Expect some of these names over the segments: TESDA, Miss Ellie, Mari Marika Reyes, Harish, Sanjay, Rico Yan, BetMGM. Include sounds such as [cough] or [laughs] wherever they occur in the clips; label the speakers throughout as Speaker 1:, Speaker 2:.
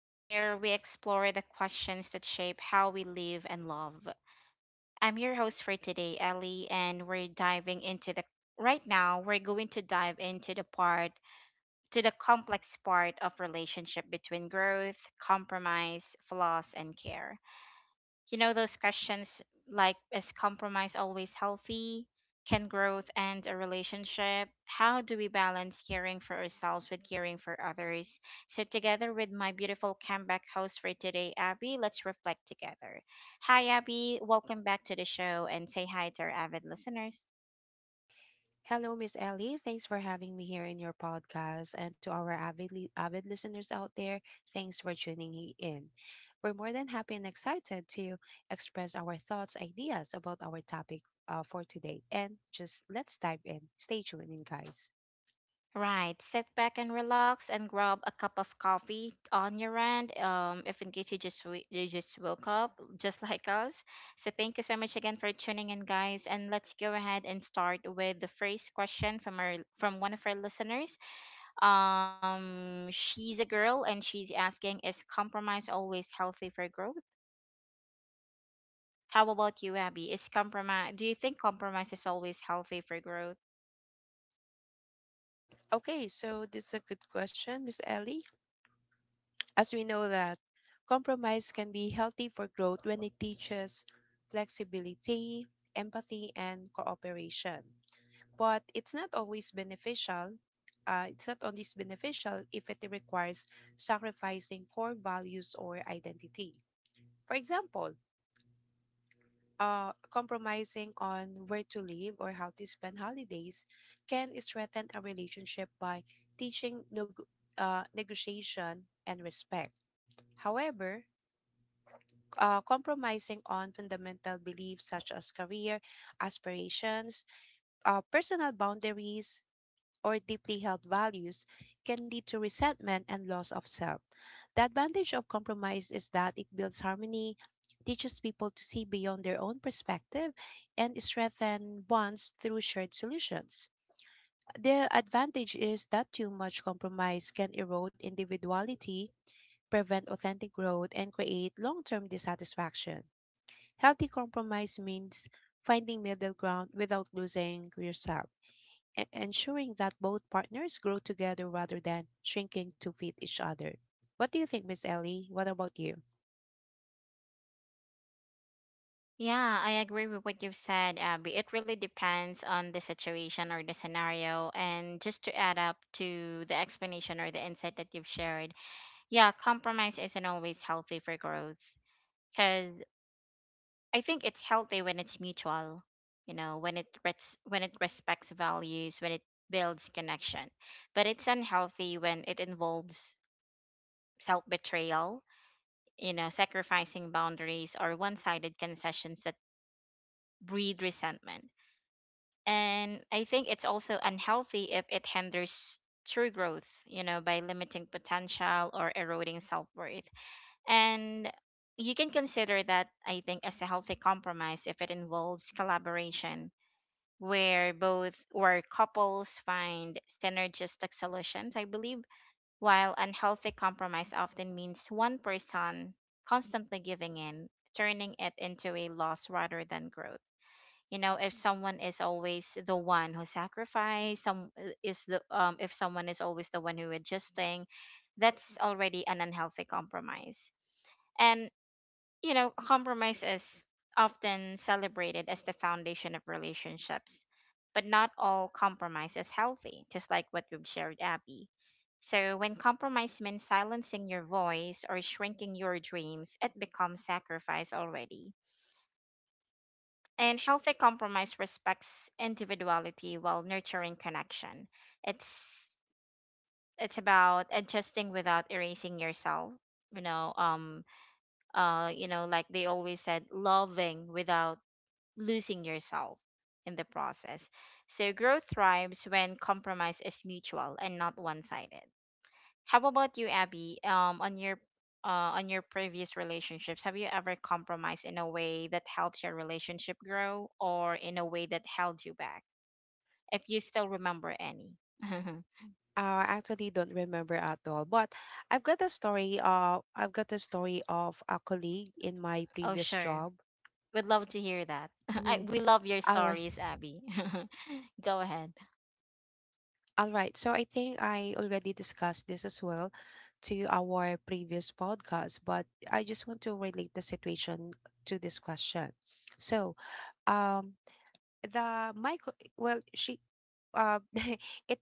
Speaker 1: where we explore the questions that shape how we live and love. I'm your host for today, Ellie, and we're diving into the right now, we're going to dive into the part to the complex part of relationship between growth, compromise, flaws, and care. You know, those questions like, is compromise always healthy? Can growth end a relationship? How do we balance caring for ourselves with caring for others? So, together with my beautiful comeback host for today, Abby, let's reflect together. Hi, Abby. Welcome back to the show and say hi to our avid listeners.
Speaker 2: Hello, Miss Ellie. Thanks for having me here in your podcast. And to our avid listeners out there, thanks for tuning in. We're more than happy and excited to express our thoughts, ideas about our topic for today. And just let's dive in. Stay tuned in, guys.
Speaker 1: Right. Sit back and relax and grab a cup of coffee on your end. If in case you just woke up, just [laughs] like us. So thank you so much again for tuning in, guys. And let's go ahead and start with the first question from our from one of our listeners. She's a girl and she's asking, is compromise always healthy for growth? How about you, Abby? Is compromise? Do you think compromise is always healthy for growth?
Speaker 2: Okay, so this is a good question, Miss Ellie. As we know that compromise can be healthy for growth when it teaches flexibility, empathy, and cooperation, but it's not always beneficial. It's not always beneficial if it requires sacrificing core values or identity. For example, compromising on where to live or how to spend holidays can strengthen a relationship by teaching negotiation and respect. However, compromising on fundamental beliefs such as career aspirations, personal boundaries, or deeply held values can lead to resentment and loss of self. The advantage of compromise is that it builds harmony, teaches people to see beyond their own perspective, and strengthens bonds through shared solutions. The advantage is that too much compromise can erode individuality, prevent authentic growth, and create long term dissatisfaction. Healthy compromise means finding middle ground without losing yourself, ensuring that both partners grow together rather than shrinking to fit each other. What do you think, Miss Ellie? What about you?
Speaker 1: Yeah, I agree with what you've said, Abby. It really depends on the situation or the scenario. And just to add up to the explanation or the insight that you've shared, yeah, compromise isn't always healthy for growth, because I think it's healthy when it's mutual, you know, when it when it respects values, when it builds connection. But it's unhealthy when it involves self-betrayal, you know, sacrificing boundaries or one-sided concessions that breed resentment. And I think it's also unhealthy if it hinders true growth, you know, by limiting potential or eroding self worth. And you can consider that, I think, as a healthy compromise if it involves collaboration where both where couples find synergistic solutions, I believe, while unhealthy compromise often means one person constantly giving in, turning it into a loss rather than growth. You know, if someone is always the one who sacrifice some is the if someone is always the one who adjusting, that's already an unhealthy compromise. And you know, compromise is often celebrated as the foundation of relationships, but not all compromise is healthy, just like what we've shared, Abby. So when compromise means silencing your voice or shrinking your dreams, it becomes sacrifice already. And healthy compromise respects individuality while nurturing connection. It's it's about adjusting without erasing yourself. You know, um, you know, like they always said, loving without losing yourself in the process. So growth thrives when compromise is mutual and not one-sided. How about you, Abby? On your previous relationships, have you ever compromised in a way that helped your relationship grow, or in a way that held you back? If you still remember any. [laughs]
Speaker 2: I actually don't remember at all, but I've got a story. I've got a story of a colleague in my
Speaker 1: Oh,
Speaker 2: previous
Speaker 1: sure.
Speaker 2: job.
Speaker 1: We'd love to hear that. [laughs]
Speaker 2: Mhm.
Speaker 1: We love your
Speaker 2: All right,
Speaker 1: stories, Abby. [laughs] Go ahead.
Speaker 2: all right. So I think I already discussed this as well to our previous podcast, but I just want to relate the situation to this question. So, um, the well, she uh, [laughs] it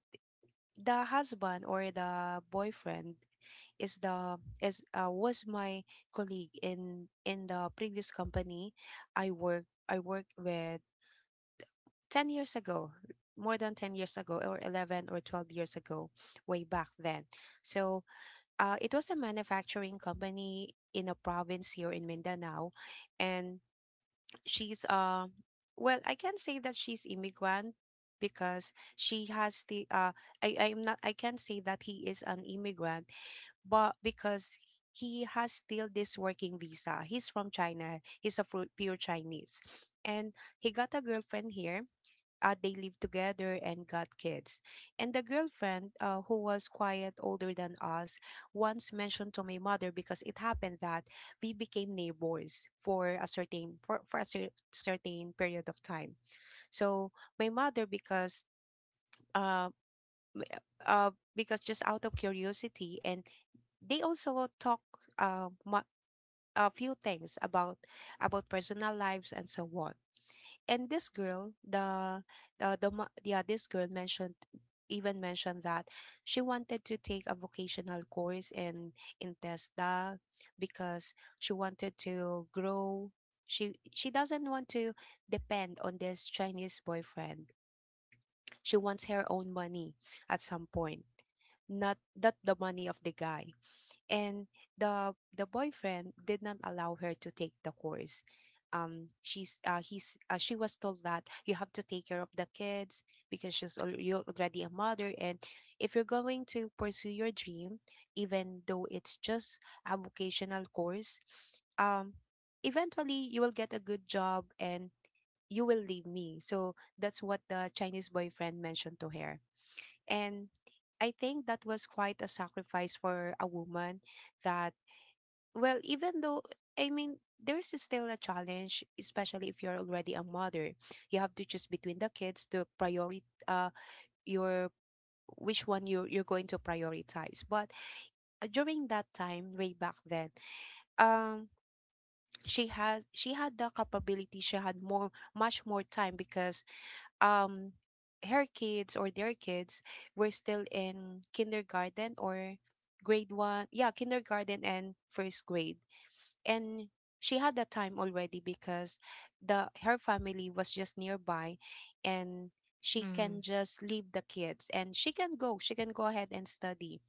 Speaker 2: the husband or the boyfriend is the is was my colleague in the previous company I worked with 10 years ago, more than 10 years ago, or 11 or 12 years ago, way back then. So it was a manufacturing company in a province here in Mindanao. And she's well, I can say that she's immigrant because she has the I I'm not, I can say that he is an immigrant, but because he has still this working visa, he's from China. He's a pure Chinese. And he got a girlfriend here. They lived together and got kids. And the girlfriend, who was quiet, older than us, once mentioned to my mother because it happened that we became neighbors for a for a certain period of time. So my mother, because uh, m- uh, because, just out of curiosity, and they also talk uh, mu- a few things about personal lives and so on. And this girl, yeah, this girl mentioned that she wanted to take a vocational course in TESDA because she wanted to grow. She doesn't want to depend on this Chinese boyfriend. She wants her own money at some point, not that the money of the guy. And the boyfriend did not allow her to take the course. She was told that you have to take care of the kids because you're already a mother, and if you're going to pursue your dream, even though it's just a vocational course, um eventually you will get a good job and you will leave me. So that's what the Chinese boyfriend mentioned to her. And I think that was quite a sacrifice for a woman. That, well, even though, I mean, there's still a challenge, especially if you're already a mother. You have to choose between the kids to prioritize, uh, your, which one you're going to prioritize. But during that time, way back then, um, she had the capability, she had more much more time because um her kids or their kids were still in kindergarten or grade 1, yeah, kindergarten and first grade. And she had that time already because the her family was just nearby, and she can
Speaker 1: Mm,
Speaker 2: just leave the kids, and she can go ahead and study.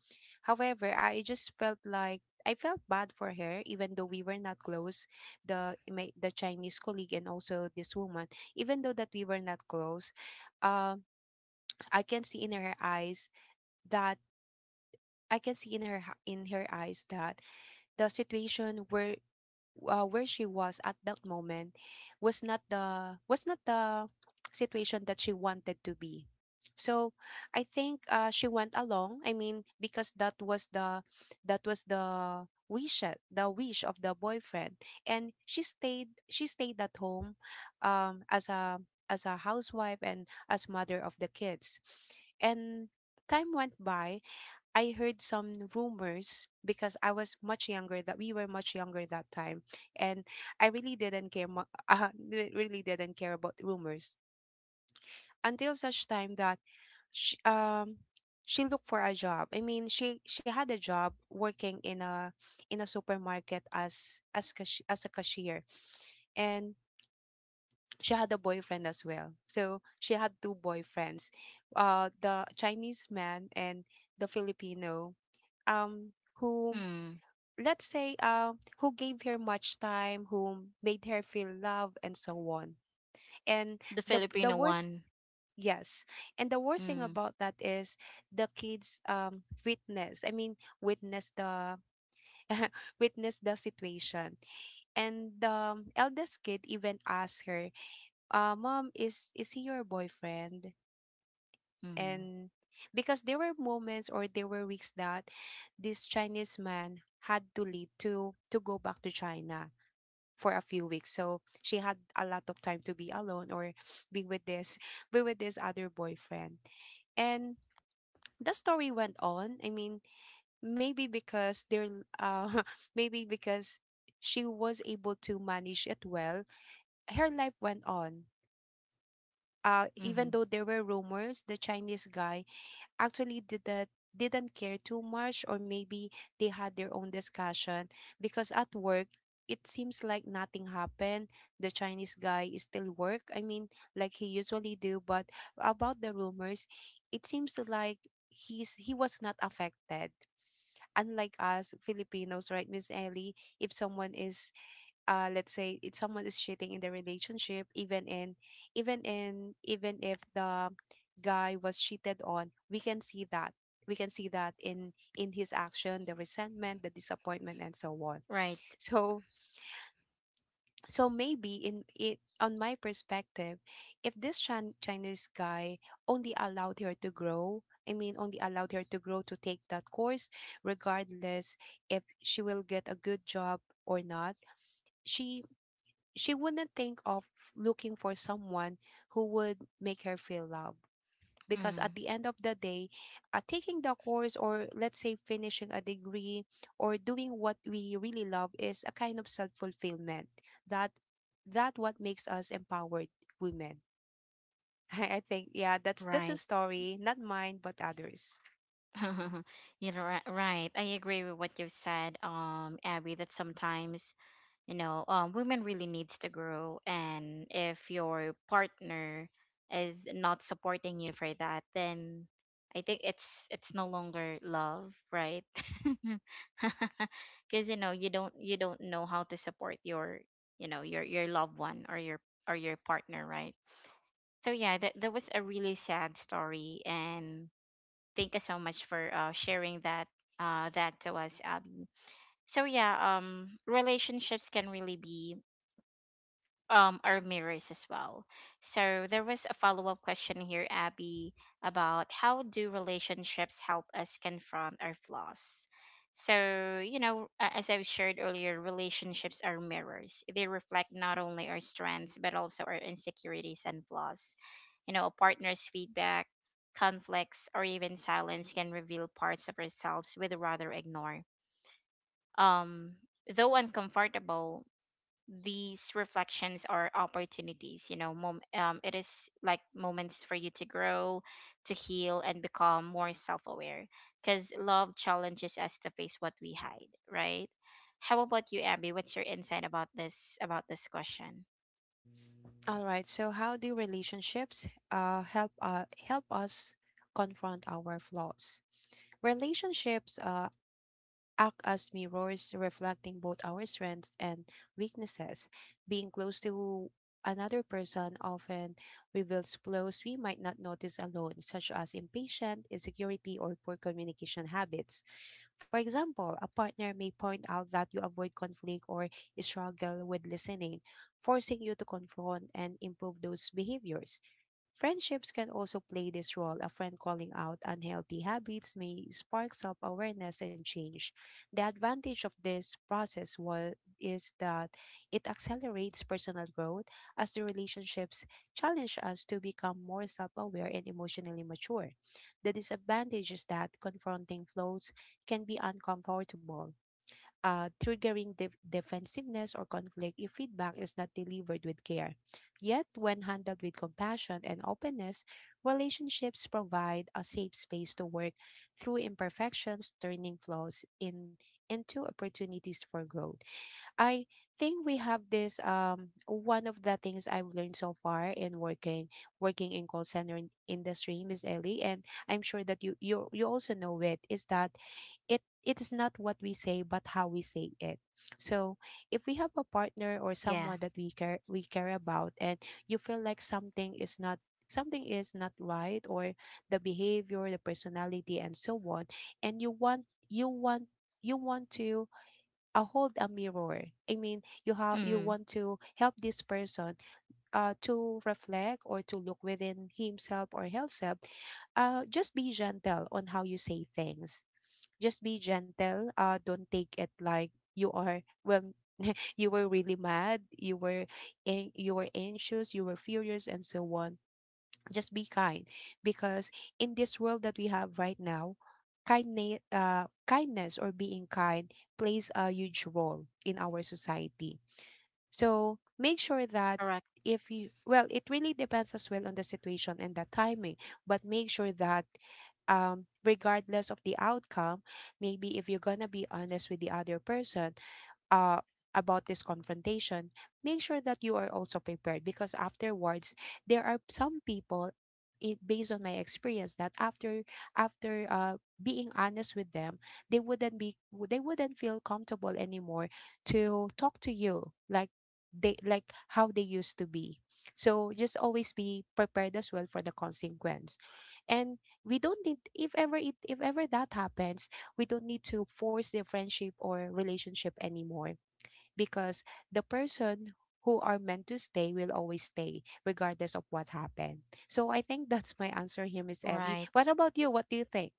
Speaker 2: However, I felt bad for her, even though we were not close, the Chinese colleague and also this woman. Even though that we were not close, uh, I can see in her eyes that, I can see in her h- in her eyes that the situation were where she was at that moment was not the situation that she wanted to be. So I think, she went along, I mean, because that was the wish of the boyfriend. And she stayed at home as a, as a housewife and as mother of the kids. And time went by. I heard some rumors because I was much younger that we were much younger that time. And I really didn't care mu- [laughs] really didn't care about rumors until such time that she, um she looked for a job. I mean, she had a job working in a, in a supermarket as as a cashier. And she had a boyfriend as well. So she had two boyfriends, the Chinese man and the Filipino, who
Speaker 1: mm,
Speaker 2: let's say who gave her much time, who made her feel love and so on. And
Speaker 1: the
Speaker 2: the
Speaker 1: Filipino
Speaker 2: worst
Speaker 1: one.
Speaker 2: yes, and the worst thing
Speaker 1: Mm,
Speaker 2: about that is the kids witness I mean witness the [laughs] witness the situation. And the eldest kid even asked her, mom, is he your boyfriend.
Speaker 1: mm,
Speaker 2: And because there were moments, or there were weeks that this Chinese man had to leave to go back to China for a few weeks. So she had a lot of time to be alone or be with this, be with this other boyfriend. And the story went on. I mean, maybe because they're [laughs] maybe because she was able to manage it well, her life went on. Even
Speaker 1: mm,
Speaker 2: though there were rumors, the Chinese guy actually didn't care too much, or maybe they had their own discussion, because at work it seems like nothing happened. The Chinese guy is still work I mean like he usually do. But about the rumors, it seems like he was not affected, unlike us Filipinos, right, Miss Ellie? If someone is, uh, let's say if someone is cheating in the relationship, even if the guy was cheated on, we can see that, in his action, the resentment, the disappointment, and so on.
Speaker 1: right.
Speaker 2: So, so maybe in it on my perspective, if this Chinese guy only allowed her to grow, I mean only allowed her to grow to take that course, regardless if she will get a good job or not, she, she wouldn't think of looking for someone who would make her feel loved. Because at
Speaker 1: Mm,
Speaker 2: the end of the day, taking the course, or let's say finishing a degree, or doing what we really love is a kind of self-fulfillment. That, that what makes us empowered women, [laughs] I think. Yeah, that's a
Speaker 1: right.
Speaker 2: story, not mine but others.
Speaker 1: [laughs] Right. I agree with what you've said, Abby, that sometimes, you know, women really needs to grow. And if your partner is not supporting you for that, then I think it's no longer love, right? [laughs] Because you know, you don't know how to support your loved one or your partner, right? So yeah, that was a really sad story, and thank you so much for sharing that to us, Abby. So yeah, relationships can really be our mirrors as well. So there was a follow-up question here, Abby, about how do relationships help us confront our flaws? So, you know, as I shared earlier, relationships are mirrors. They reflect not only our strengths but also our insecurities and flaws. You know, a partner's feedback, conflicts, or even silence can reveal parts of ourselves we'd rather ignore. Um, though uncomfortable, these reflections are opportunities. It is like moments for you to grow, to heal and become more self-aware, because love challenges us to face what we hide, right? How about you, Abby? What's your insight about this question?
Speaker 2: All right, so how do relationships help us confront our flaws? Relationships act as mirrors reflecting both our strengths and weaknesses. Being close to another person often reveals flaws we might not notice alone, such as impatience, insecurity, or poor communication habits. For example, a partner may point out that you avoid conflict or struggle with listening, forcing you to confront and improve those behaviors. Friendships can also play this role. A friend calling out unhealthy habits may spark self awareness and change. The advantage of this process is that it accelerates personal growth as the relationships challenge us to become more self aware and emotionally mature. The disadvantage is that confronting flaws can be uncomfortable, triggering defensiveness or conflict if feedback is not delivered with care. Yet, when handled with compassion and openness, relationships provide a safe space to work through imperfections, turning flaws in, into opportunities for growth. I think we have this one of the things I've learned so far in working in call center industry, Miss Ellie, and I'm sure that you also know it is that it is not what we say but how we say it. So if we have a partner or
Speaker 1: Yeah.
Speaker 2: someone that we care about and you feel like something is not, something is not right, or the behavior, the personality and so on, and you want to hold a mirror, I mean, you have, you
Speaker 1: Mm,
Speaker 2: want to help this person to reflect or to look within himself or herself. Just be gentle on how you say things. Just be gentle, don't take it like you are when you were really mad, you were you were anxious, you were furious and so on. Just be kind, because in this world that we have right now, kindness, kindness or being kind plays a huge role in our society. So make sure that,
Speaker 1: correct.
Speaker 2: if you, well, it really depends as well on the situation and the timing, but make sure that regardless of the outcome, maybe if you're gonna be honest with the other person uh, about this confrontation, make sure that you are also prepared, because afterwards there are some people, based on my experience, that after after being honest with them, they wouldn't be they wouldn't feel comfortable anymore to talk to you like they, like how they used to be. So just always be prepared as well for the consequence. And we don't need, if ever that happens, we don't need to force their friendship or relationship anymore, because the person who are meant to stay will always stay regardless of what happened. So I think that's my answer here, Miss Ellie.
Speaker 1: Right.
Speaker 2: What about you? What do you think?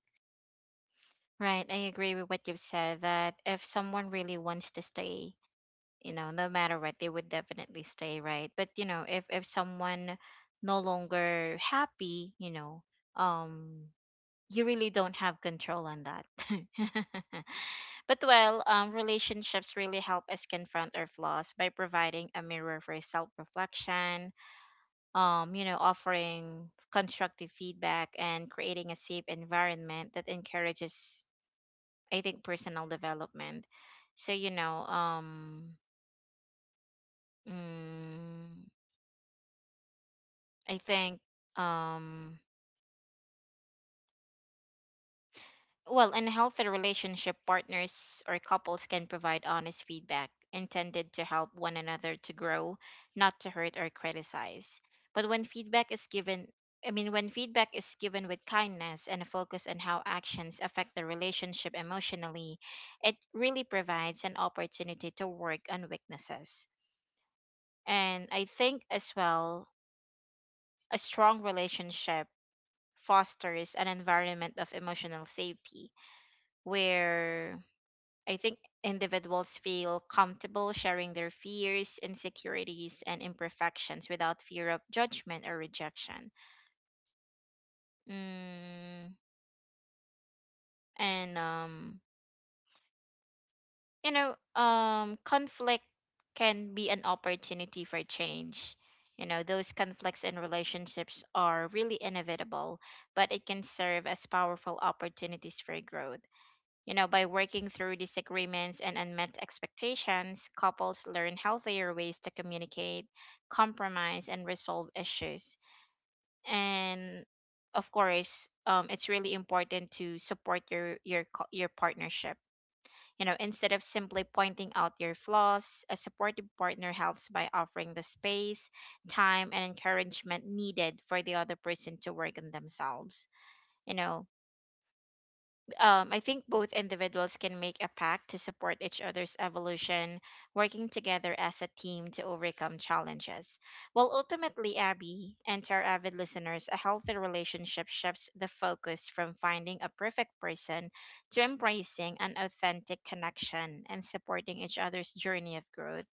Speaker 1: Right, I agree with what you've said that if someone really wants to stay, you know, no matter what, they would definitely stay, right? But you know, if someone no longer happy, you know, um you really don't have control on that. [laughs] But well, relationships really help us confront our flaws by providing a mirror for self reflection, you know, offering constructive feedback and creating a safe environment that encourages, I think, personal development. So you know, mm, I think, um well, in a healthy relationship, partners or couples can provide honest feedback intended to help one another to grow, not to hurt or criticize. But when feedback is given, I mean, when feedback is given with kindness and a focus on how actions affect the relationship emotionally, it really provides an opportunity to work on weaknesses. And I think as well, a strong relationship fosters an environment of emotional safety where, I think, individuals feel comfortable sharing their fears, insecurities, and imperfections without fear of judgment or rejection. Mm, and, you know, conflict can be an opportunity for change. You know, those conflicts in relationships are really inevitable, but it can serve as powerful opportunities for growth. You know, by working through disagreements and unmet expectations, couples learn healthier ways to communicate, compromise, and resolve issues. And of course, it's really important to support your partnership. You know, instead of simply pointing out your flaws, a supportive partner helps by offering the space, time, and encouragement needed for the other person to work on themselves. You know, I think both individuals can make a pact to support each other's evolution, working together as a team to overcome challenges. Well, ultimately, Abby, and to our avid listeners, a healthy relationship shifts the focus from finding a perfect person to embracing an authentic connection and supporting each other's journey of growth,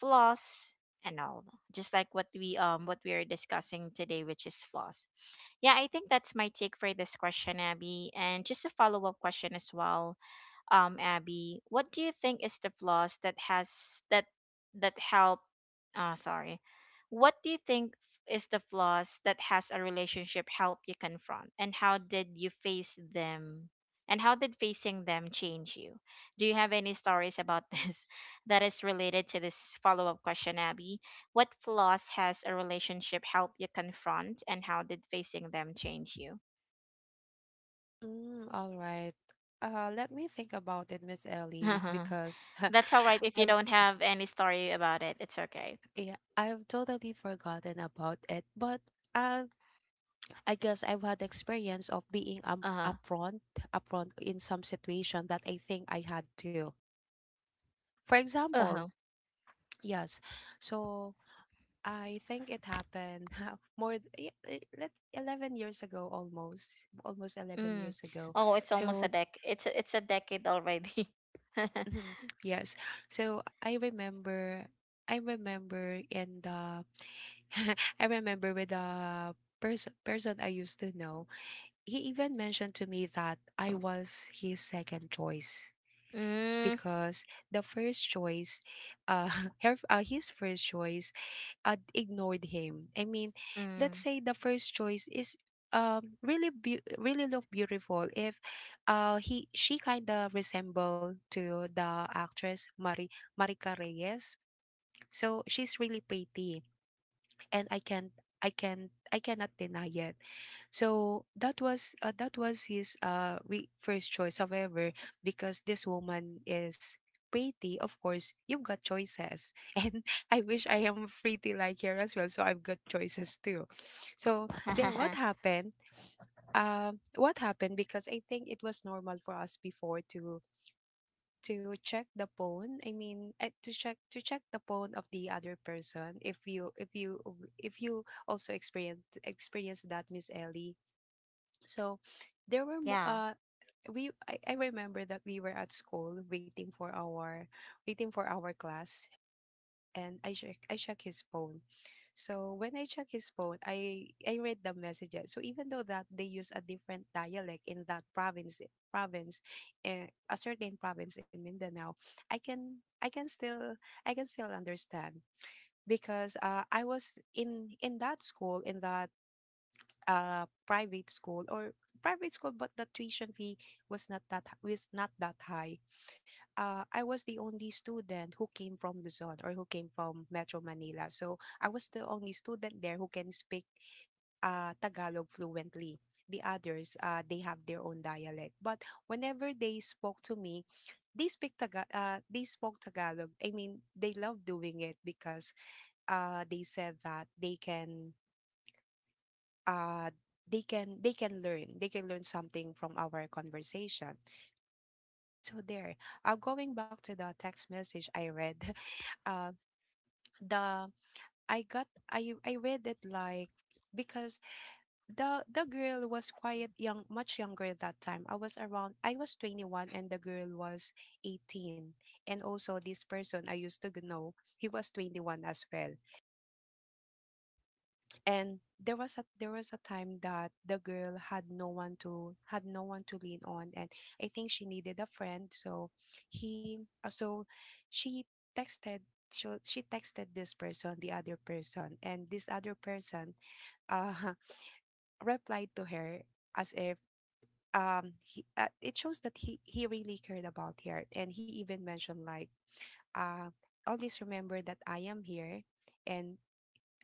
Speaker 1: flaws, and all. Just like what we are discussing today, which is flaws. Yeah, I think that's my take for this question, Abby. And just a follow up question as well, Abby, what do you think is the flaws that has that that help? Sorry, what do you think is the flaws that has a relationship help you confront, and how did you face them? And how did facing them change you? Do you have any stories about [laughs] this that is related to this follow up question, Abby? What flaws has a relationship help you confront, and how did facing them change you?
Speaker 2: Mm, all right. Let me think about it, Miss Ellie,
Speaker 1: [laughs]
Speaker 2: because [laughs]
Speaker 1: That's all right if you
Speaker 2: I've,
Speaker 1: don't have any story about it. It's okay.
Speaker 2: yeah, I've totally forgotten about it. But uh, I guess I've had experience of being
Speaker 1: Uh-huh.
Speaker 2: upfront, upfront in some situation that I think I had to. For
Speaker 1: Uh-huh.
Speaker 2: example, yes. So I think it happened [laughs] more th- y- y- let 11 years ago, almost, almost 11
Speaker 1: Mm.
Speaker 2: years ago.
Speaker 1: Oh, it's almost
Speaker 2: So
Speaker 1: a dec. It's a decade already. [laughs]
Speaker 2: mhm, yes. So I remember, I remember in the [laughs] I remember with the person I used to know. He even mentioned to me that I was his second choice. It's
Speaker 1: Mm.
Speaker 2: because the first choice, uh, [laughs] his first choice ignored him. I mean, let's
Speaker 1: Mm.
Speaker 2: say the first choice is really look beautiful. If he she kind of resemble to the actress Marika Reyes, so she's really pretty, and I cannot deny it. So that was his first choice. However, because this woman is pretty, of course you've got choices, [laughs] and I wish I am pretty like her as well. So I've got choices too. So there, what
Speaker 1: [laughs]
Speaker 2: happened? What happened? Because I think it was normal for us before to check the phone. I mean, to check the phone of the other person. If you if you if you also experience that, Miss Ellie. So there were
Speaker 1: Yeah.
Speaker 2: I remember that we were at school waiting for our, waiting for our class. And I check his phone. So when I check his phone, I read the messages. So even though that they use a different dialect in that province, eh, a certain province in Mindanao, I can still, I can still understand, because I was in that school, in that private school, or private school. But the tuition fee was not was not that high. I was the only student who came from Luzon, or who came from Metro Manila. So I was the only student there who can speak Tagalog fluently. The others, they have their own dialect. But whenever they spoke to me, they they spoke Tagalog. I mean, they love doing it because they said that they can uh they can learn something from our conversation. So there, going back to the text message I read, [laughs] uh the I got I read it like, because the girl was quite young, much younger. At that time I was around, I was 21, and the girl was 18. And also this person I used to know, he was 21 as well. And there was a, there was a time that the girl had no one to had no one to lean on, and I think she needed a friend. So he, uh, so she texted, she texted this person, the other person, and this other person uh [laughs] replied to her as if, he, it shows that he really cared about her, and he even mentioned like, uh always remember that I am here, and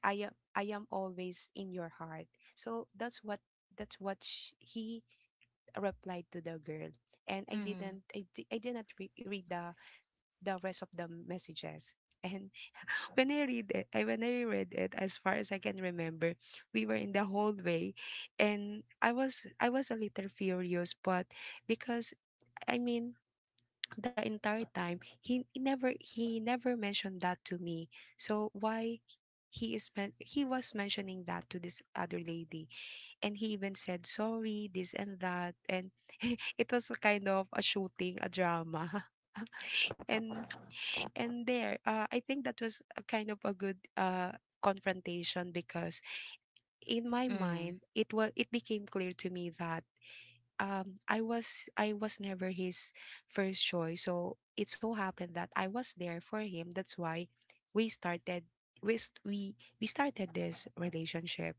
Speaker 2: I am always in your heart. So that's what, that's what he replied to the girl. And
Speaker 1: Mm.
Speaker 2: I did not read the rest of the messages. And [laughs] when I read it, I when I read it, as far as I can remember, we were in the hallway, and I was a little furious. But because, I mean, the entire time he, he never mentioned that to me. So why he he was mentioning that to this other lady, and he even said sorry, this and that. And [laughs] it was a kind of a shooting a drama. [laughs] and and there, I think that was a kind of a good confrontation, because in my
Speaker 1: Mm.
Speaker 2: mind, it was, it became clear to me that I was never his first choice. So it so happened that I was there for him. That's why we started, we st- we started this relationship.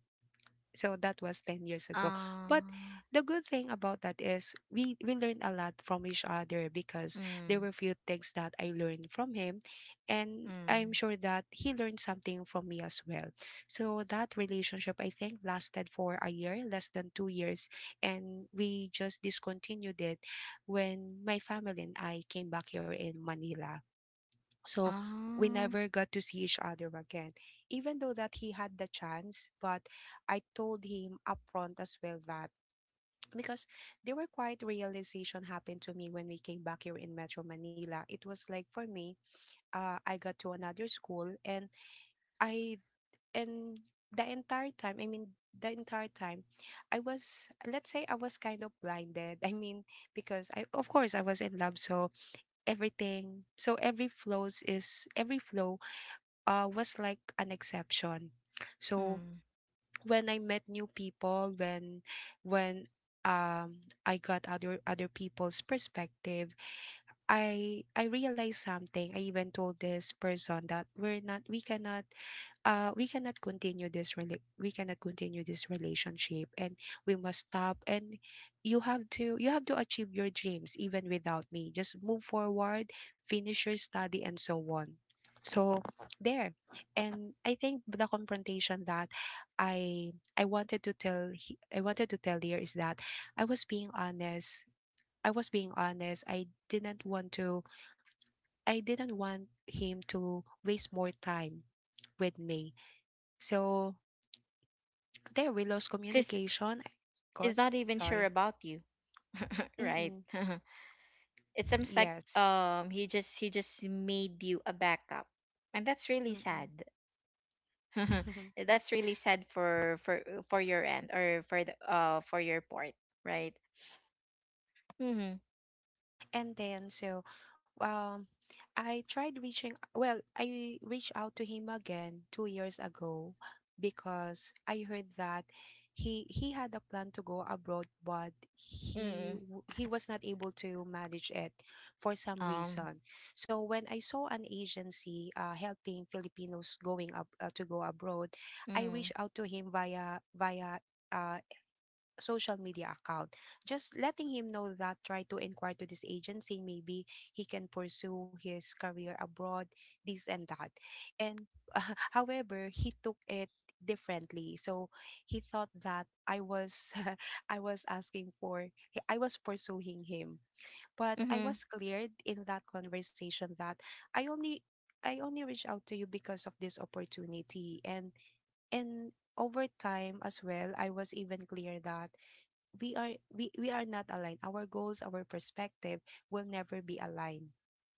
Speaker 2: So that was 10 years ago. But
Speaker 1: Um.
Speaker 2: the good thing about that is we learned a lot from each other, because there
Speaker 1: Mm.
Speaker 2: were few things that I learned from him, and I'm
Speaker 1: Mm.
Speaker 2: sure that he learned something from me as well. So that relationship, I think, lasted for a year, less than 2 years, and we just discontinued it when my family and I came back here in Manila. So we
Speaker 1: Um.
Speaker 2: never got to see each other again, even though that he had the chance. But I told him upfront as well that, [tsk] because there were quite realization happened to me when we came back here in Metro Manila. It was like for me, I got to another school. And I, and the entire time, I mean, the entire time, I was, let's say I was kind of blinded. [laughs] I mean, because I, of course I was in love. So everything, so every flows is every flow was like an exception. So
Speaker 1: Mm.
Speaker 2: when I met new people, when I got other people's perspective, I realized something. I even told this person that we cannot, we cannot continue this relationship, and we must stop. And you have to achieve your dreams even without me. Just move forward, finish your study and so on. So there. And I think the confrontation that I wanted to tell I wanted to tell here is that I was being honest. I didn't want to, I didn't want him to waste more time with me. So there, we lost
Speaker 1: Cause
Speaker 2: communication
Speaker 1: he's
Speaker 2: because,
Speaker 1: not even sure
Speaker 2: sorry.
Speaker 1: about you, [laughs] right?
Speaker 2: Mm-mm.
Speaker 1: [laughs] It seems like
Speaker 2: Yes.
Speaker 1: he just made you a backup, and that's really
Speaker 2: Mm-mm.
Speaker 1: sad.
Speaker 2: [laughs]
Speaker 1: [laughs] That's really sad for your end or for your part, right? Mhm.
Speaker 2: And then so, um I tried reaching, well, I reached out to him again 2 years ago, because I heard that he had a plan to go abroad, but he
Speaker 1: Mm.
Speaker 2: he was not able to manage it for some
Speaker 1: Um.
Speaker 2: reason. So when I saw an agency helping Filipinos going up to go abroad, I
Speaker 1: Mm.
Speaker 2: reached out to him via uh, social media account. Just letting him know that try to inquire to this agency, maybe he can pursue his career abroad, this and that. And [laughs] however, he took it differently. So he thought that I was [laughs] I was asking for I was pursuing him. But I
Speaker 1: Mhm.
Speaker 2: was cleared in that conversation that I only I only reached out to you because of this opportunity. And over time as well, I was even clear that we are not aligned. Our goals, our perspective will never be aligned.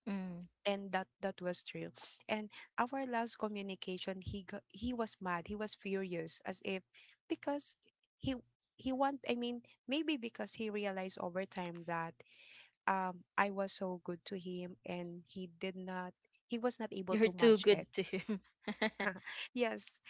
Speaker 1: Mm.
Speaker 2: And that, that was true. And our last communication, he got, he was mad, he was furious, as if, because he he want, I mean, maybe because he realized over time that I was so good to him, and he did not, he was not able
Speaker 1: You're
Speaker 2: to
Speaker 1: too
Speaker 2: match it.
Speaker 1: good to him. [laughs]
Speaker 2: [laughs] Yes.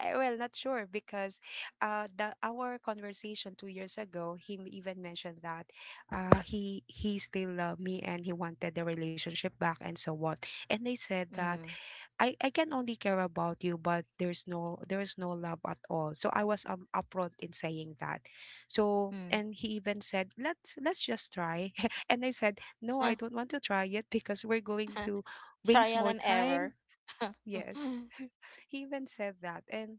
Speaker 2: Eh, well, not sure, because the our conversation 2 years ago, he even mentioned that he still loved me, and he wanted the relationship back and so on. And I said that
Speaker 1: Mm.
Speaker 2: I can only care about you, but there's no, there's no love at all. So I was upfront in saying that. So,
Speaker 1: Mm.
Speaker 2: and he even said, let's just try, [laughs] and I said no, I don't want to try yet because we're going to
Speaker 1: [laughs]
Speaker 2: waste
Speaker 1: Trial
Speaker 2: more
Speaker 1: and
Speaker 2: time.
Speaker 1: error. [laughs]
Speaker 2: Yes. [laughs] He even said that. And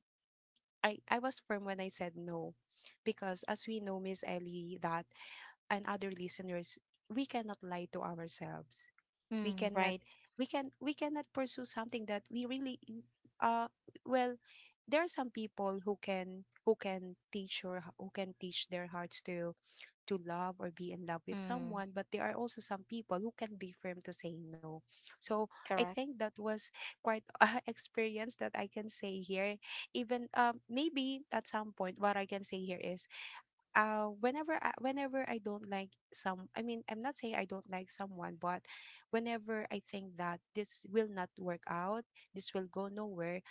Speaker 2: I was firm when I said no. Because as we know, Miss Ellie, that and other listeners, we cannot lie to ourselves. We
Speaker 1: Mm,
Speaker 2: cannot
Speaker 1: right.
Speaker 2: we cannot pursue something that we really uh well there are some people who can teach or h- who can teach their hearts to love or be in love with
Speaker 1: Mm,
Speaker 2: someone, but there are also some people who can be firm to say no. So I
Speaker 1: correct.
Speaker 2: think that was quite [laughs] a experience that I can say here. Even maybe at some point, what I can say here is whenever whenever I don't like some, I mean I'm not saying I don't like someone, but whenever I think that this will not work out, this will go nowhere,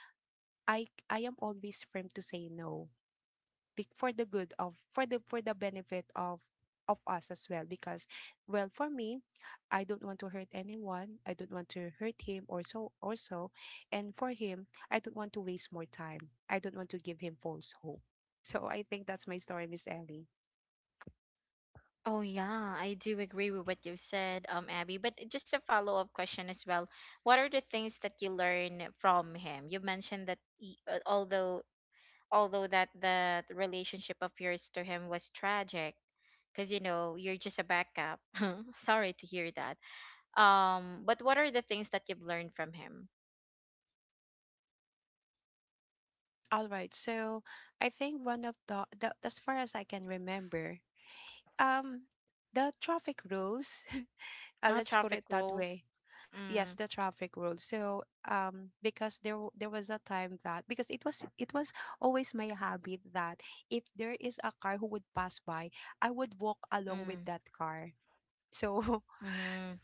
Speaker 2: I am always firm to say no for the good of for the benefit of us as well because well for me, I don't want to hurt anyone, I don't want to hurt him or so or so. And for him, I don't want to waste more time, I don't want to give him false hope. So I think that's my story, Miss Ellie.
Speaker 1: Oh yeah, I do agree with what you said, Abby. But just a follow up question as well. What are the things that you learn from him? You mentioned that he, although that the relationship of yours to him was tragic, because you know you're just a backup. [laughs] Sorry to hear that. But what are the things that you've learned from him?
Speaker 2: All right, so I think one of the as far as I can remember, um the traffic rules. [laughs] uh, let's put
Speaker 1: Traffic
Speaker 2: it that
Speaker 1: rules.
Speaker 2: way. Yes,
Speaker 1: Mm,
Speaker 2: the traffic rules. So because there was a time that because it was always my habit that if there is a car who would pass by, I would walk along with
Speaker 1: mm,
Speaker 2: that car. So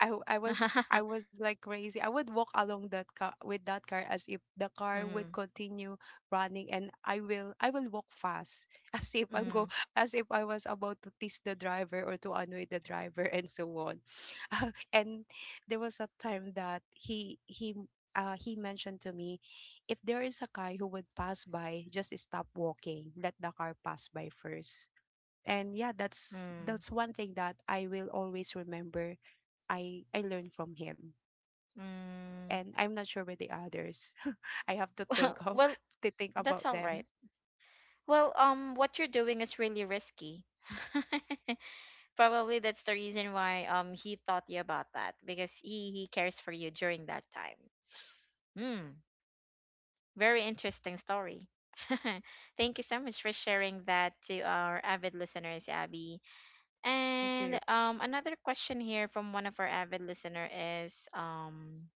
Speaker 2: I w- I was I
Speaker 1: [laughs]
Speaker 2: was like crazy. I would walk along that car with that car as if the car would
Speaker 1: Mm,
Speaker 2: continue running, and I will walk fast [laughs] as if I'm go
Speaker 1: mm,
Speaker 2: as if I was about to tease the driver or to annoy the driver [laughs] and so on. [laughs] And there was a time that he mentioned to me, if there is a guy who would pass by, just stop walking, let the car pass by first. And yeah, that's
Speaker 1: mm,
Speaker 2: that's one thing that I will always remember. I learned from him.
Speaker 1: mm.
Speaker 2: And I'm not sure with the others. [laughs] I have to
Speaker 1: [laughs] well
Speaker 2: think of,
Speaker 1: well
Speaker 2: to think
Speaker 1: that's
Speaker 2: about
Speaker 1: all
Speaker 2: them.
Speaker 1: right. Well, what you're doing is really risky. [laughs] Probably that's the reason why he thought you about that because he cares for you during that time. Mm, Very interesting story. [laughs] Thank you so much for sharing that to our avid listeners, Abby.
Speaker 2: Thank
Speaker 1: And
Speaker 2: you.
Speaker 1: another question here from one of our avid listener is,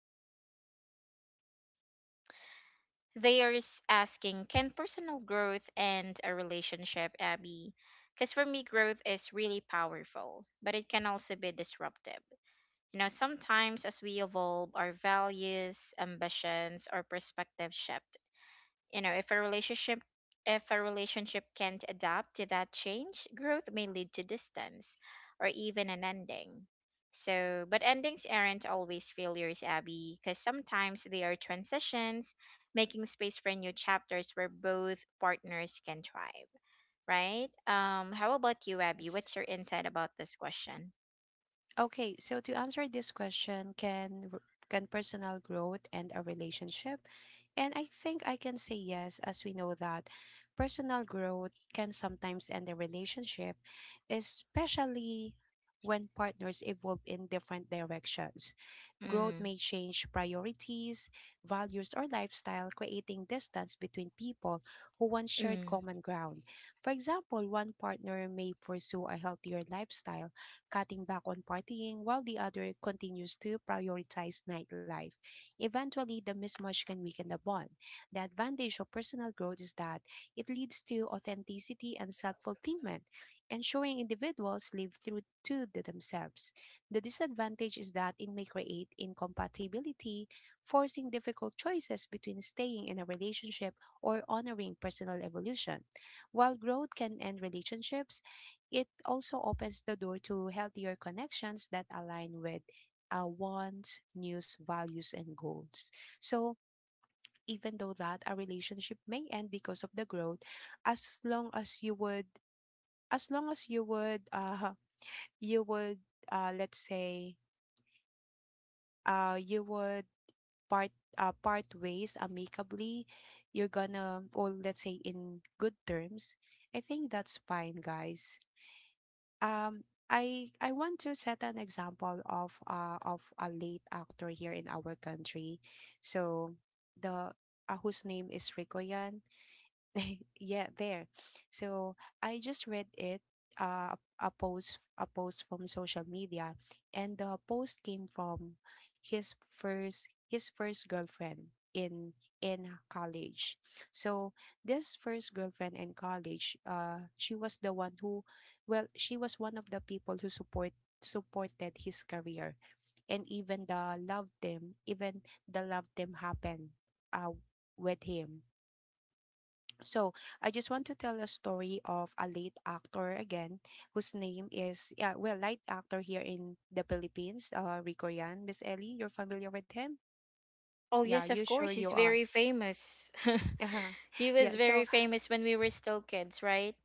Speaker 1: they are asking, can personal growth end a relationship, Abby? Because for me, growth is really powerful, but it can also be disruptive. You know, sometimes as we evolve, our values, ambitions, or perspectives shift. You know, if a relationship can't adapt to that change, growth may lead to distance or even an ending. So, but endings aren't always failures, Abby, because sometimes they are transitions, making space for new chapters where both partners can thrive, right? How about you, Abby?
Speaker 2: Yes.
Speaker 1: What's your insight about this question?
Speaker 2: Okay, so to answer this question, can personal growth and a relationship? And I think I can say yes, as we know that personal growth can sometimes end a relationship, especially when partners evolve in different directions. Growth
Speaker 1: Mm,
Speaker 2: may change priorities, values, or lifestyle, creating distance between people who once shared
Speaker 1: mm.
Speaker 2: common ground. For example, one partner may pursue a healthier lifestyle, cutting back on partying while the other continues to prioritize nightlife. Eventually, the mismatch can weaken the bond. The advantage of personal growth is that it leads to authenticity and self fulfillment, ensuring individuals live through to the themselves. The disadvantage is that it may create incompatibility, forcing difficult choices between staying in a relationship or honoring personal evolution. While growth can end relationships, it also opens the door to healthier connections that align with wants, needs, values, and goals. So, even though that a relationship may end because of the growth, as long as you would, as long as you would, let's say, you would part, part ways amicably, you're gonna, or let's say in good terms, I think that's fine, guys. um I want to set an example of a late actor here in our country. So the whose name is Rico Yan. [laughs] Yeah, there. So I just read it, a post from social media, and the post came from his first girlfriend in college. So this first girlfriend in college, she was the one who, well, she was one of the people who supported his career, and even the loved them, even the loved them happened, uh, with him. So I just want to tell a story of a late actor again, whose name is yeah, well, late actor here in the Philippines, Rico Yan. Miss Ellie, you're familiar with him?
Speaker 1: Oh,
Speaker 2: Yeah,
Speaker 1: yes,
Speaker 2: you
Speaker 1: of
Speaker 2: sure
Speaker 1: course.
Speaker 2: you
Speaker 1: He's
Speaker 2: are.
Speaker 1: very famous. [laughs]
Speaker 2: [laughs]
Speaker 1: He
Speaker 2: Yeah,
Speaker 1: was
Speaker 2: so
Speaker 1: very famous when we were still kids, right?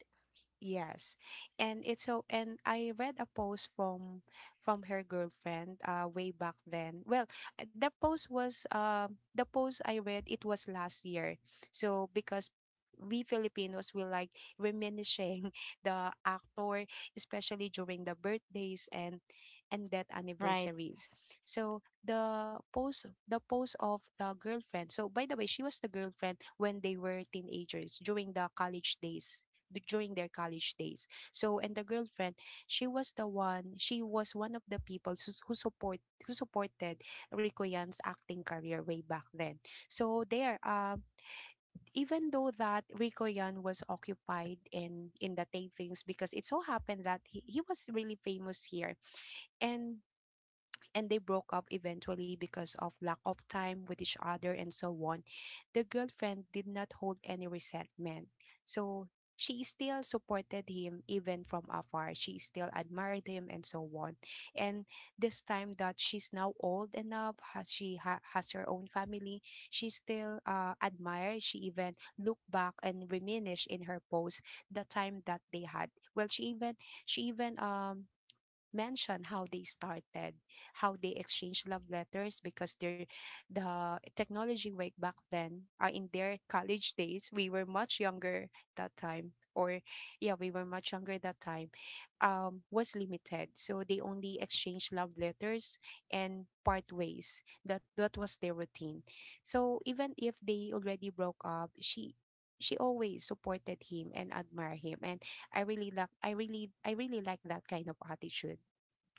Speaker 2: yes. And it's so and I read a post from her girlfriend way back then. Well, the post was the post I read it was last year. So because we Filipinos will like reminiscing [laughs] the actor, especially during the birthdays and death
Speaker 1: Right.
Speaker 2: anniversaries. So the post of the girlfriend. So by the way, she was the girlfriend when they were teenagers during the college days during their college days. So and the girlfriend, she was the one. She was one of the people who supported Rico Yan's acting career way back then. So there, even though that Rico Yan was occupied in the tapings because it so happened that he was really famous here and and they broke up eventually because of lack of time with each other and so on. The girlfriend did not hold any resentment. So she still supported him even from afar. She still admired him and so on. And this time that she's now old enough, has her own family, she still admired. She even looked back and reminisced in her post the time that they had. Well, she even mention how they started, how they exchanged love letters because their the technology way back then, in their college days, we were much younger that time, or yeah, we were much younger that time, was limited. So they only exchanged love letters and part ways. That was their routine. So even if they already broke up, she always supported him and admired him. And I really like that kind of attitude.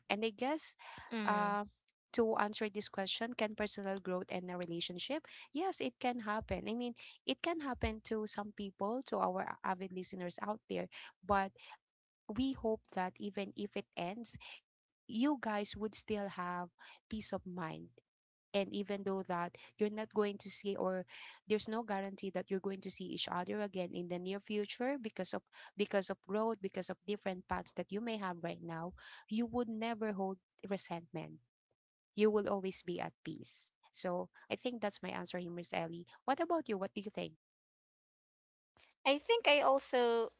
Speaker 2: And I guess
Speaker 1: Mm.
Speaker 2: uh, to answer this question, can personal growth and a relationship? Yes, it can happen. I mean, it can happen to some people, to our avid listeners out there. But we hope that even if it ends, you guys would still have peace of mind. And even though that you're not going to see, or there's no guarantee that you're going to see each other again in the near future because of growth, because of different paths that you may have right now, you would never hold resentment. You will always be at peace. So I think that's my answer, here, Miss Ellie. What about you? What do you think?
Speaker 1: I think I also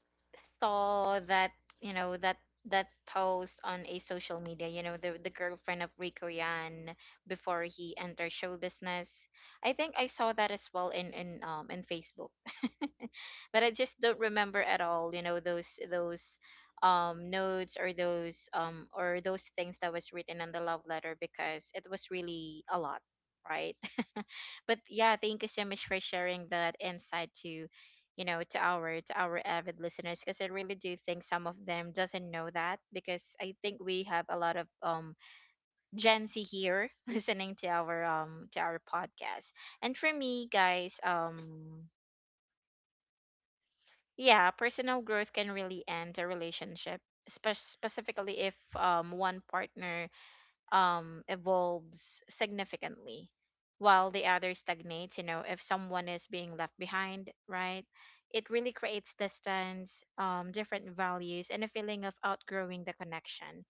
Speaker 1: saw that, you know, that that post on a social media, you know, the girlfriend of Rico Yan before he entered show business. I think I saw that as well in in Facebook. But I just don't remember at all, you know, those notes or those things that was written on the love letter because it was really a lot, right? But yeah, thank you so much for sharing that insight to, you know, to our avid listeners because I really do think some of them doesn't know that because I think we have a lot of Gen Z here [laughs] listening to our podcast. And for me, guys, yeah, personal growth can really end a relationship. Specifically, if one partner evolves significantly while the other stagnates, you know, if someone is being left behind, right, it really creates distance, different values and a feeling of outgrowing the connection.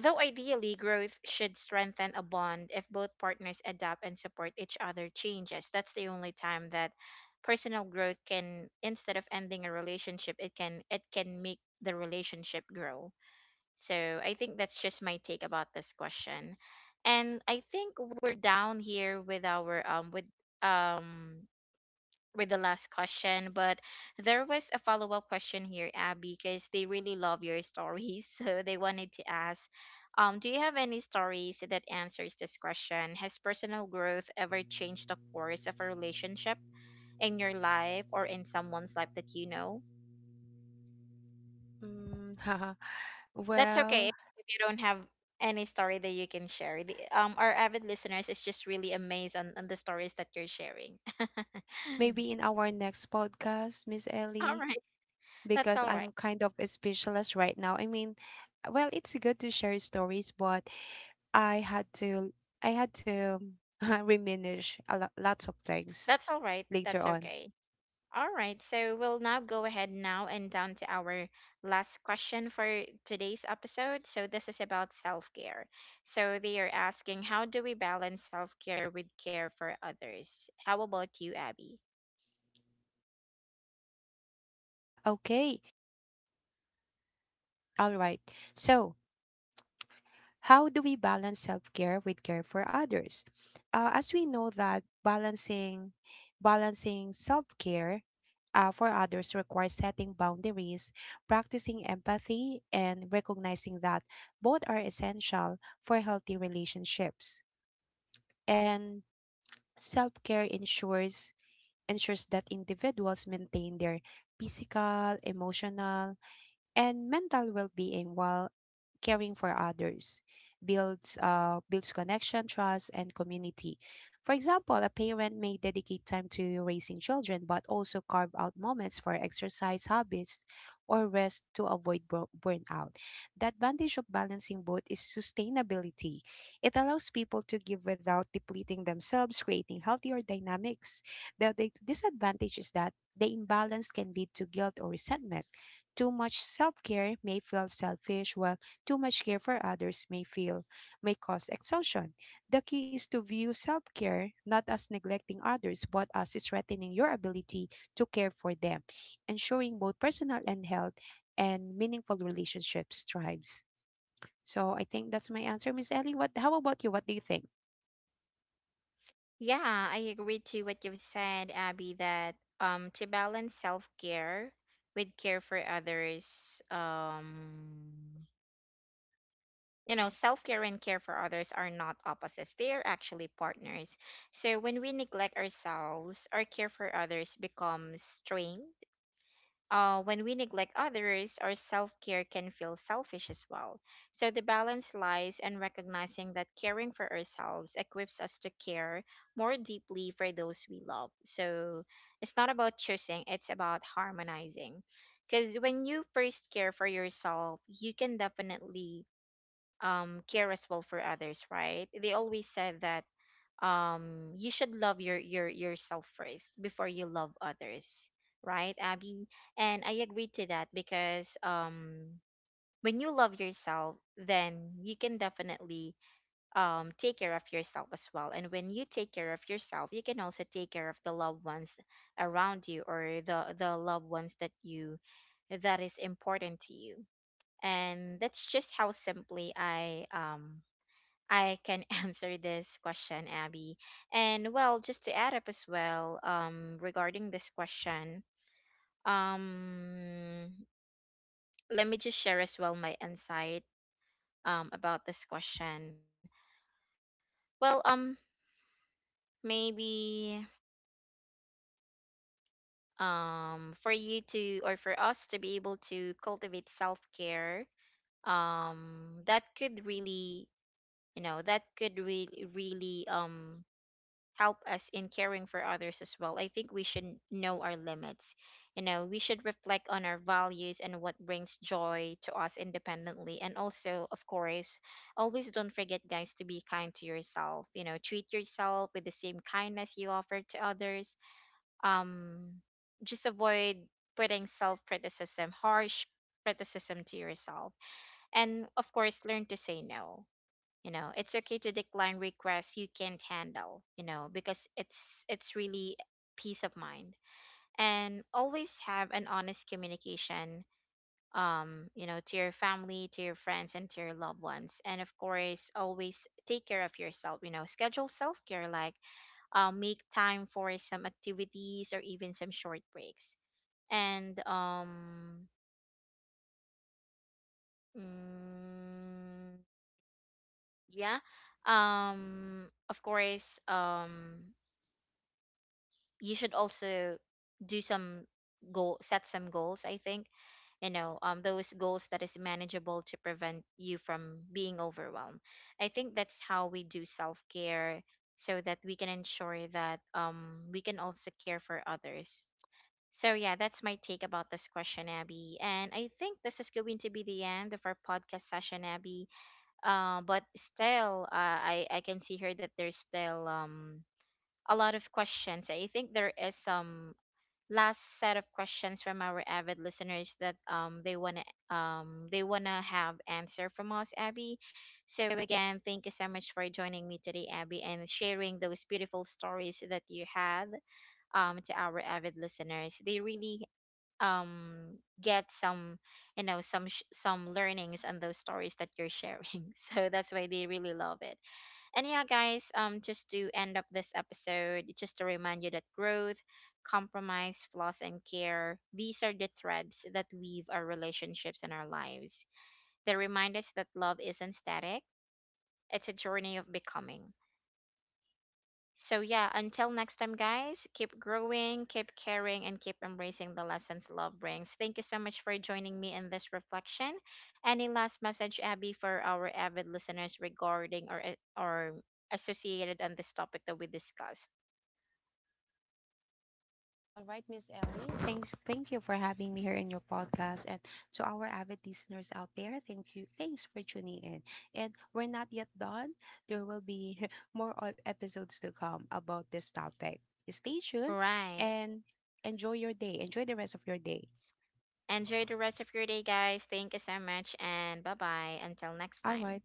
Speaker 1: Though ideally growth should strengthen a bond if both partners adapt and support each other changes, that's the only time that personal growth can, instead of ending a relationship, it can, it can make the relationship grow. So I think that's just my take about this question. And I think we're down here with our um with the last question, but there was a follow-up question here, Abby, because they really love your stories. [laughs] So they wanted to ask, do you have any stories that answers this question? Has personal growth ever changed the course of a relationship in your life or in someone's life that you know?
Speaker 2: Mm, [laughs] haha.
Speaker 1: That's okay
Speaker 2: Well,
Speaker 1: if you don't have any story that you can share. The, our avid listeners is just really amazed on the stories that you're sharing. [laughs]
Speaker 2: maybe in our next podcast, Miss
Speaker 1: All
Speaker 2: Ellie,
Speaker 1: right, that's
Speaker 2: because
Speaker 1: all right.
Speaker 2: I'm kind of a specialist right now. I mean, well, it's good to share stories, but I had to I had to [laughs] reminisce a lot, lots of things
Speaker 1: That's all right.
Speaker 2: later
Speaker 1: That's
Speaker 2: on.
Speaker 1: okay. All right, so we'll now go ahead now and down to our last question for today's episode. So this is about self-care. So they are asking, how do we balance self-care with care for others? How about you, Abby?
Speaker 2: Okay, all right. So how do we balance self-care with care for others? As we know that balancing self-care, for others requires setting boundaries, practicing empathy and recognizing that both are essential for healthy relationships. And self-care ensures that individuals maintain their physical, emotional, and mental well-being, while caring for others builds builds connection, trust, and community. For example, a parent may dedicate time to raising children but also carve out moments for exercise, hobbies, or rest to avoid burnout. The advantage of balancing both is sustainability. It allows people to give without depleting themselves, creating healthier dynamics. The disadvantage is that the imbalance can lead to guilt or resentment. Too much self care may feel selfish, while too much care for others may cause exhaustion. The key is to view self care not as neglecting others, but as strengthening your ability to care for them, ensuring both personal and health and meaningful relationships thrives. So I think that's my answer, Miss Ellie. What? How about you? What do you think?
Speaker 1: Yeah, I agree to what you've said, Abby, that to balance self-care with care for others, um, you know, self-care and care for others are not opposites. They are actually partners. So when we neglect ourselves, our care for others becomes strained. Uh, when we neglect others, our self care can feel selfish as well. So the balance lies in recognizing that caring for ourselves equips us to care more deeply for those we love. So it's not about choosing, it's about harmonizing. Because when you first care for yourself, you can definitely, care as well for others, right? They always said that you should love your yourself first before you love others, right, Abby? And I agree to that because, um, when you love yourself, then you can definitely, um, take care of yourself as well, and when you take care of yourself, you can also take care of the loved ones around you or the loved ones that you, that is important to you. And that's just how simply I, I can [laughs] answer this question, Abby. And well, just to add up as well, regarding this question, um, let me just share as well my insight about this question. Well, maybe for you to, or for us to be able to cultivate self care, that could really, you know, that could really help us in caring for others as well. I think we should know our limits. You know, we should reflect on our values and what brings joy to us independently. And also, of course, always don't forget, guys, to be kind to yourself. You know, treat yourself with the same kindness you offer to others. Um, just avoid putting self criticism, harsh criticism to yourself. And of course, learn to say no. You know, it's okay to decline requests you can't handle, you know, because it's really peace of mind. And always have an honest communication, um, you know, to your family, to your friends, and to your loved ones. And of course, always take care of yourself. You know, schedule self-care like, make time for some activities or even some short breaks. And um, mm, yeah, um, of course, um, you should also do some goal, set some goals, I think, you know, um, those goals that is manageable to prevent you from being overwhelmed. I think that's how we do self care, so that we can ensure that, um, we can also care for others. So yeah, that's my take about this question, Abby, and I think this is going to be the end of our podcast session, Abby. Uh, but still, I can see here that there's still, um, a lot of questions. I think there is some last set of questions from our avid listeners that they wanna have answer from us, Abby. So again, thank you so much for joining me today, Abby, and sharing those beautiful stories that you had to our avid listeners. They really, um, get some, you know, some some learnings on those stories that you're sharing. [laughs] So that's why they really love it. And yeah, guys, just to end up this episode, just to remind you that growth, compromise, flaws, and care, these are the threads that weave our relationships and our lives. They remind us that love isn't static, it's a journey of becoming. So, yeah, until next time, guys, keep growing, keep caring, and keep embracing the lessons love brings. Thank you so much for joining me in this reflection. Any last message, Abby, for our avid listeners regarding, or, or associated on this topic that we discussed?
Speaker 2: All right, Miss Ellie. Thanks. Thank you for having me here in your podcast, and to our avid listeners out there, thank you. Thanks for tuning in. And we're not yet done. There will be [laughs] more episodes to come about this topic. Stay tuned
Speaker 1: Right.
Speaker 2: and enjoy your day. Enjoy the rest of your day.
Speaker 1: Enjoy the rest of your day, guys. Thank you so much, and bye bye. Until next
Speaker 2: All
Speaker 1: time.
Speaker 2: right.